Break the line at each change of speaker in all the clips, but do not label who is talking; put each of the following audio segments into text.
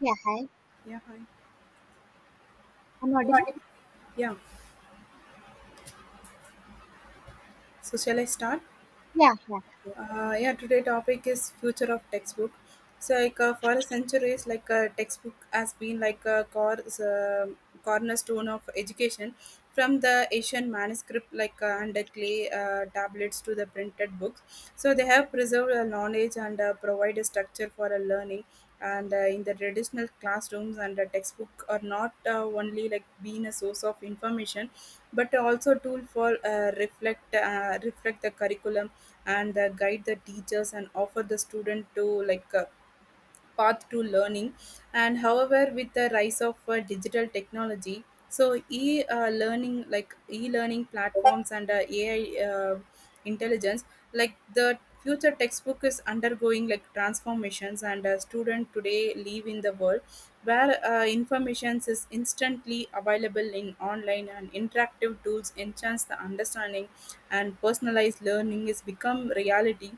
Yeah, hi.
Yeah, hi.
I'm
What
audible?
is- Yeah. So shall I start?
Yeah, yeah, sure.
Yeah. Today topic is future of textbook. So like for centuries, like textbook has been like a core cornerstone of education, from the ancient manuscript and the clay tablets to the printed books. So they have preserved knowledge and provide a structure for a learning. And in the traditional classrooms and the textbook are not only like being a source of information, but also a tool for reflect the curriculum and guide the teachers and offer the student to path to learning. And however, with the rise of digital technology, so e learning like e learning platforms and AI uh, intelligence, like the future textbook is undergoing like transformations, and a student today live in the world where information is instantly available in online, and interactive tools enhance the understanding, and personalized learning is become reality.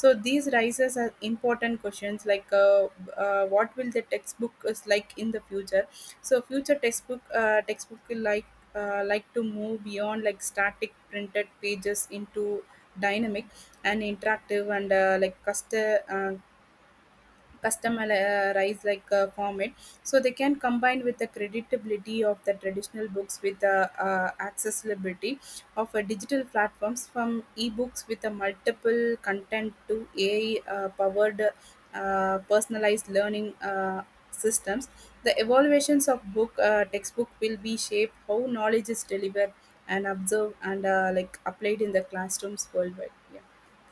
So these raises are important questions like what will the textbook is like in the future? So future textbook will like to move beyond like static printed pages into dynamic and interactive and like customized format, so they can combine with the creditability of the traditional books with the accessibility of a digital platforms, from ebooks with a multiple content to AI powered personalized learning systems. The evaluations of book textbook will be shaped how knowledge is delivered and observed and like applied in the classrooms worldwide, yeah.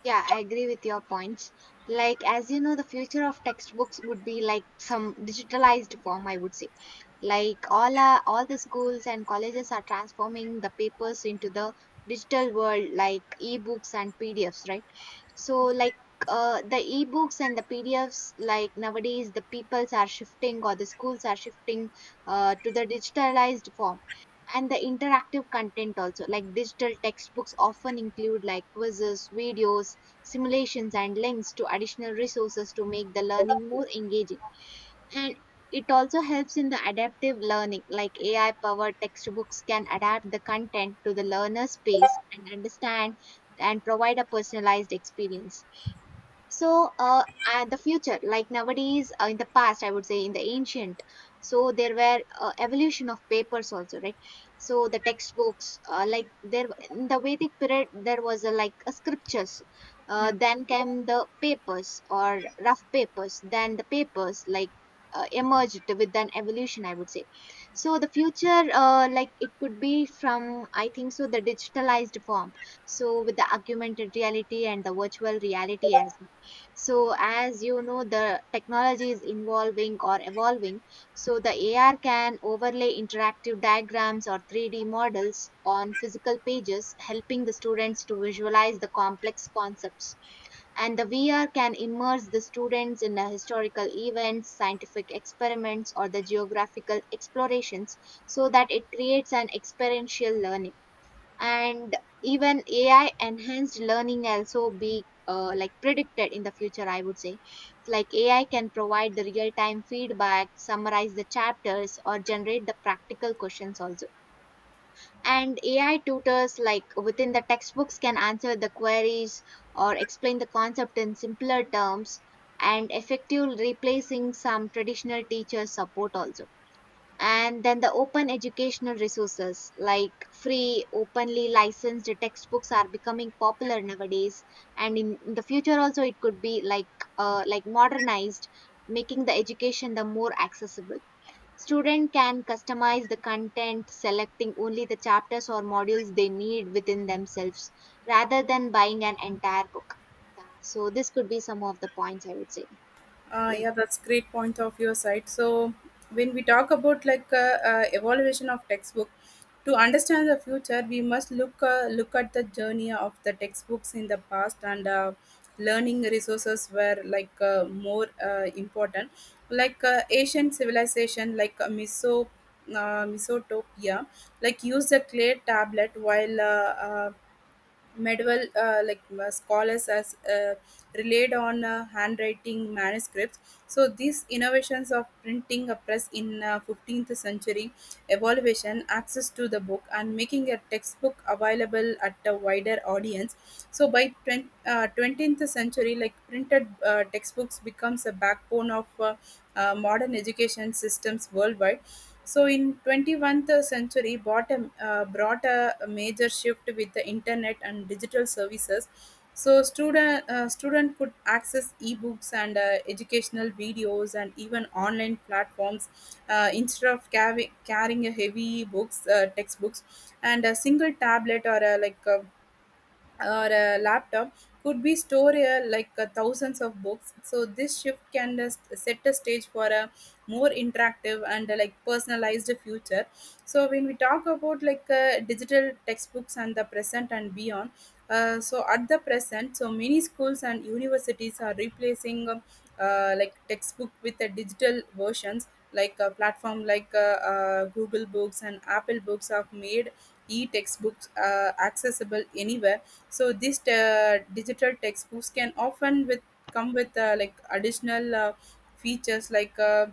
Yeah, I agree with your points. Like, as you know, the future of textbooks would be like some digitalized form, I would say. Like all the schools and colleges are transforming the papers into the digital world, like ebooks and PDFs, right? So like the ebooks and the pdfs, like nowadays the peoples are shifting or the schools are shifting to the digitalized form. And the interactive content also, like digital textbooks often include like quizzes, videos, simulations and links to additional resources to make the learning more engaging. And it also helps in the adaptive learning, like ai powered textbooks can adapt the content to the learner's pace and understand and provide a personalized experience. So, at the future, like nowadays, in the past, I would say in the ancient, so there were evolution of papers also, right? So the textbooks, like there in the Vedic period, there was a, like a scriptures.
Yeah.
Then came the papers or rough papers. Then the papers like emerged with an evolution, I would say. So the future, like it could be from, I think so, the digitalized form, so with the augmented reality and the virtual reality as well. So as you know, the technology is evolving or evolving. So the ar can overlay interactive diagrams or 3D models on physical pages, helping the students to visualize the complex concepts. And the vr can immerse the students in the historical events, scientific experiments or the geographical explorations, so that it creates an experiential learning. And even ai enhanced learning also be like predicted in the future, I would say. Like ai can provide the real time feedback, summarize the chapters or generate the practical questions also. And ai tutors, like within the textbooks, can answer the queries or explain the concept in simpler terms and effectively replacing some traditional teacher support also. And then the open educational resources, like free openly licensed textbooks are becoming popular nowadays. And in the future also it could be like modernized, making the education the more accessible. Student can customize the content, selecting only the chapters or modules they need within themselves, rather than buying an entire book. So this could be some of the points, I would say.
Uh,
Yes.
yeah, that's great point of your side. So when we talk about evaluation of textbook, to understand the future, we must look at the journey of the textbooks in the past, and learning resources were more important. Like Asian civilization, like Mesotopia, like use the clay tablet while uh, medieval scholars as relied on handwriting manuscripts. So these innovations of printing a press in 15th century evaluation access to the book and making a textbook available at a wider audience. So by 20th century, like printed textbooks becomes a backbone of modern education systems worldwide. So in 21st century, bottom brought a major shift with the internet and digital services. So student could access ebooks and educational videos and even online platforms, instead of carrying a heavy books textbooks, and a single tablet or a laptop could be stored thousands of books. So this shift can just set the stage for a more interactive and like personalized future. So when we talk about like digital textbooks and the present and beyond, so at the present, so many schools and universities are replacing like textbook with the digital versions, like a platform Google Books and Apple Books have made e-textbooks are accessible anywhere. So these digital textbooks can often with come with like additional features like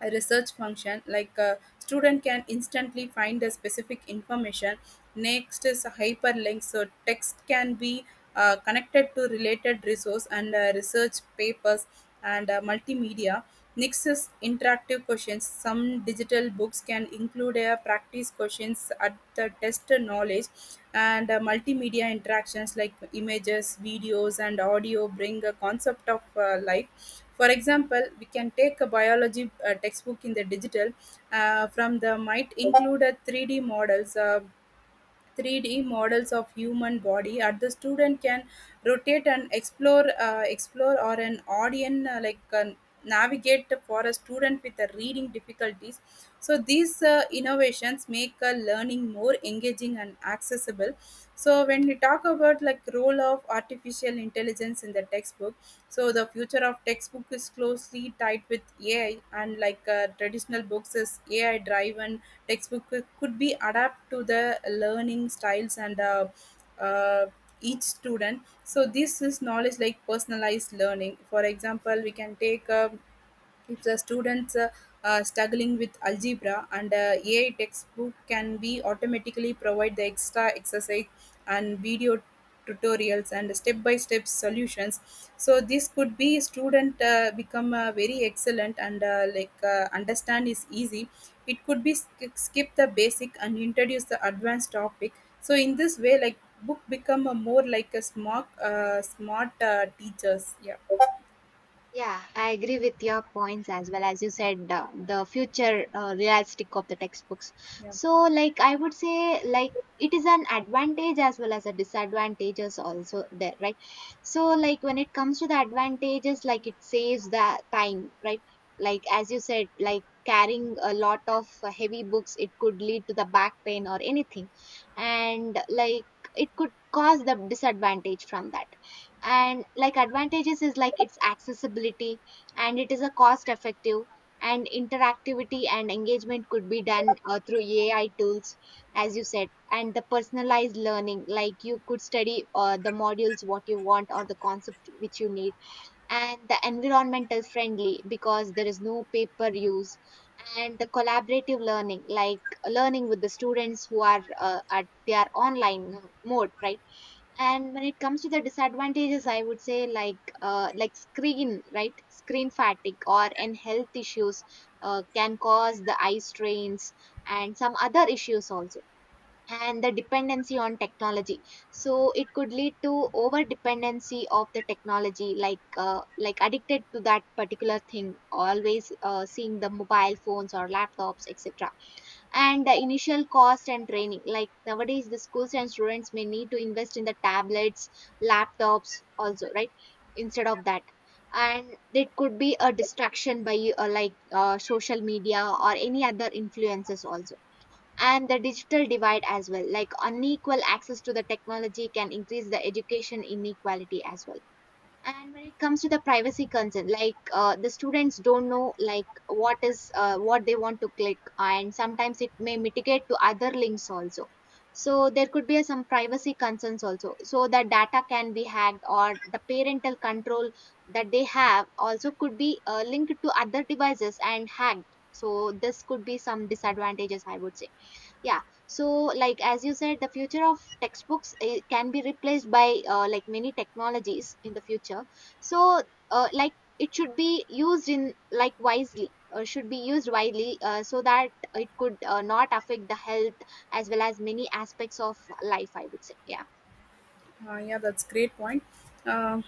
a research function, like a student can instantly find a specific information. Next is a hyperlink, so text can be connected to related resource and research papers and multimedia. Next is interactive questions, some digital books can include a practice questions at the test knowledge and multimedia interactions like images, videos and audio bring a concept of life. For example, we can take a biology textbook in the digital from, the might include a 3D models of human body, and the student can rotate and explore, or an audience navigate for a student with a reading difficulties. So these innovations make learning more engaging and accessible well. So when we talk about like role of artificial intelligence in the textbook, so the future of textbook is closely tied with AI. And like traditional books is ai driven textbook could be adapt to the learning styles and uh, each student. So this is knowledge like personalized learning. For example, we can take, a if the students are struggling with algebra and AI textbook can be automatically provide the extra exercise and video tutorials and step-by-step solutions. So this could be student become very excellent and understand is easy. It could be skip the basic and introduce the advanced topic. So in this way, like book become a more like a smart teachers. Yeah.
Yeah, I agree with your points as well. As you said the future realistic of the textbooks.
Yeah.
So, like I would say, like it is an advantage as well as a disadvantages also there, right? So, like when it comes to the advantages, like it saves the time, right? Like as you said, like carrying a lot of heavy books, it could lead to the back pain or anything, and like it could cause the disadvantage from that. And like advantages is like its accessibility, and it is a cost effective, and interactivity and engagement could be done through ai tools, as you said, and the personalized learning, like you could study the modules what you want or the concept which you need, and the environmental friendly because there is no paper use, and the collaborative learning, like learning with the students who are at their online mode, right. And when it comes to the disadvantages, I would say like screen, right, screen fatigue or and health issues can cause the eye strains and some other issues also, and the dependency on technology. So it could lead to over dependency of the technology, like addicted to that particular thing, always seeing the mobile phones or laptops, etc. And the initial cost and training, like nowadays the schools and students may need to invest in the tablets, laptops also, right, instead of that. And it could be a distraction by like social media or any other influences also, and the digital divide as well, like unequal access to the technology can increase the education inequality as well. And when it comes to the privacy concern, like the students don't know like what is what they want to click, and sometimes it may mitigate to other links also. So there could be some privacy concerns also, so the data can be hacked, or the parental control that they have also could be linked to other devices and hacked. So this could be some disadvantages, I would say. Yeah. So like as you said, the future of textbooks, eh, can be replaced by like many technologies in the future. So like it should be used in like wisely or should be used widely, so that it could not affect the health as well as many aspects of life, I would say. Yeah.
Yeah, that's great point. Uh,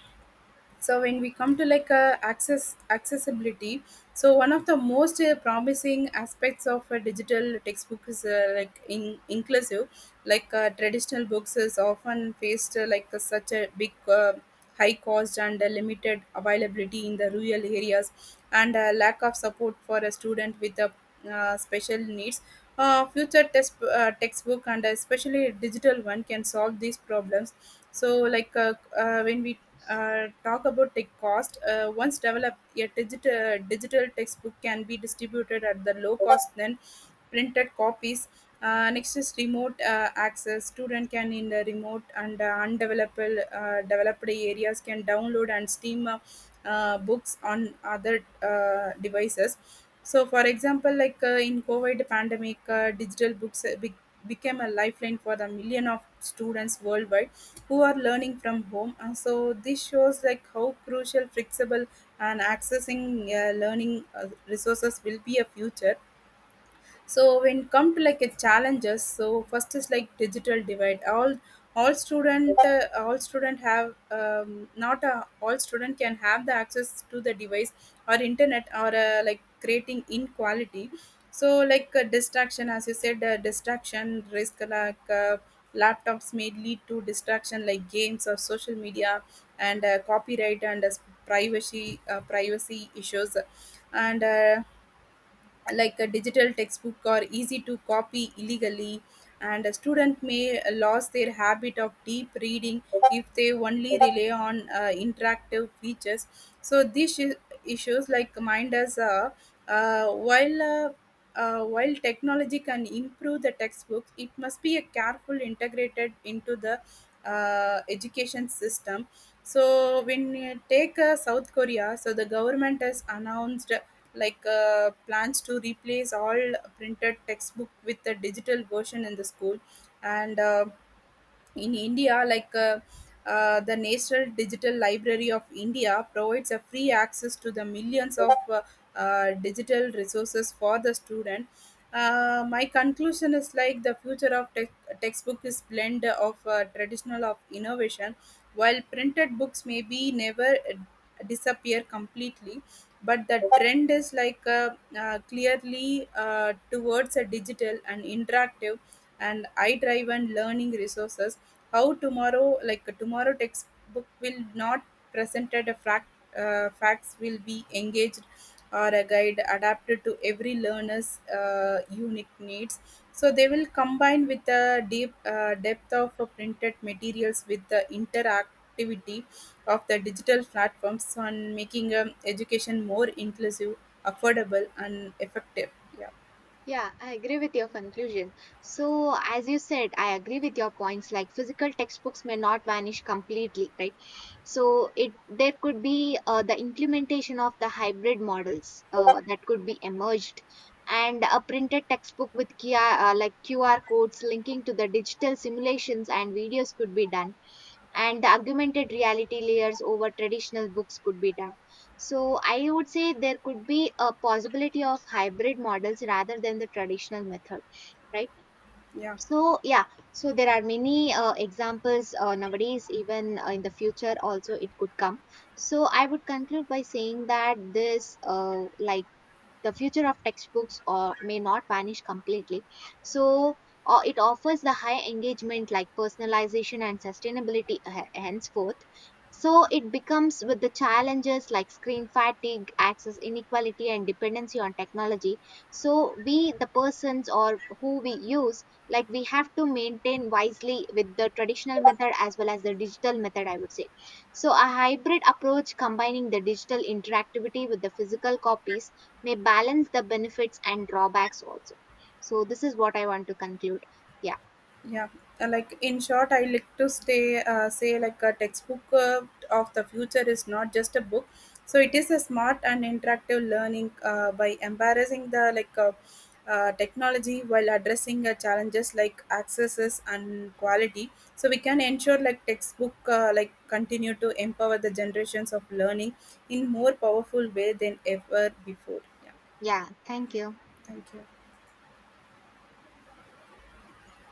so when we come to like accessibility, so one of the most promising aspects of a digital textbook is like in inclusive. Like traditional books is often faced such a big high cost and limited availability in the rural areas and lack of support for a student with a special needs. Future textbook and especially digital one can solve these problems. So when we talk about tech cost. Once developed, a digital textbook can be distributed at the low cost than printed copies. Next is remote access. Student can in the remote and undeveloped developed areas can download and stream books on other devices. So, for example, like in COVID pandemic, digital books became a lifeline for the million of students worldwide who are learning from home. And so this shows like how crucial, flexible, and accessing learning resources will be a future. So when come to like a challenges, so first is like digital divide, all student have not all student can have the access to the device or internet, or like creating inequality. So like distraction, as you said, distraction risk like laptops may lead to distraction like games or social media, and copyright and privacy issues. And like a digital textbook are easy to copy illegally, and a student may lose their habit of deep reading if they only rely on interactive features. So issues like mind us uh, while uh, while technology can improve the textbooks, it must be a careful integrated into the education system. So when you take South Korea, so the government has announced like plans to replace all printed textbook with a digital version in the school. And in India, the National Digital Library of India provides a free access to the millions of digital resources for the student. My conclusion is like the future of tech textbook is blend of traditional of innovation. While printed books may be never disappear completely, but the trend is clearly towards a digital and interactive and eye driven learning resources. How tomorrow, like tomorrow textbook will not presented a fact, facts will be engaged, or a guide adapted to every learner's unique needs. So they will combine with the deep depth of printed materials with the interactivity of the digital platforms on making education more inclusive, affordable, and effective. Yeah,
Yeah, I agree with your conclusion. So, as you said, I agree with your points. Like physical textbooks may not vanish completely, right? So, it there could be the implementation of the hybrid models that could be emerged, and a printed textbook with QR, like QR codes linking to the digital simulations and videos could be done, and the augmented reality layers over traditional books could be done. So I would say there could be a possibility of hybrid models rather than the traditional method, right?
yeah.
So yeah, so there are many examples nowadays, even in the future also it could come. So I would conclude by saying that this like the future of textbooks or may not vanish completely. So it offers the high engagement like personalization and sustainability, henceforth. So it becomes with the challenges like screen fatigue, access inequality and dependency on technology. So we the persons or who we use, like we have to maintain wisely with the traditional method as well as the digital method, I would say. So a hybrid approach combining the digital interactivity with the physical copies may balance the benefits and drawbacks also. So this is what I want to conclude. Yeah.
Yeah, like in short, I like to stay say like a textbook of the future is not just a book. So it is a smart and interactive learning by embarrassing the technology, while addressing challenges like accesses and quality. So we can ensure like textbook like continue to empower the generations of learning in more powerful way than ever before. Yeah,
Yeah. Thank you.
thank you.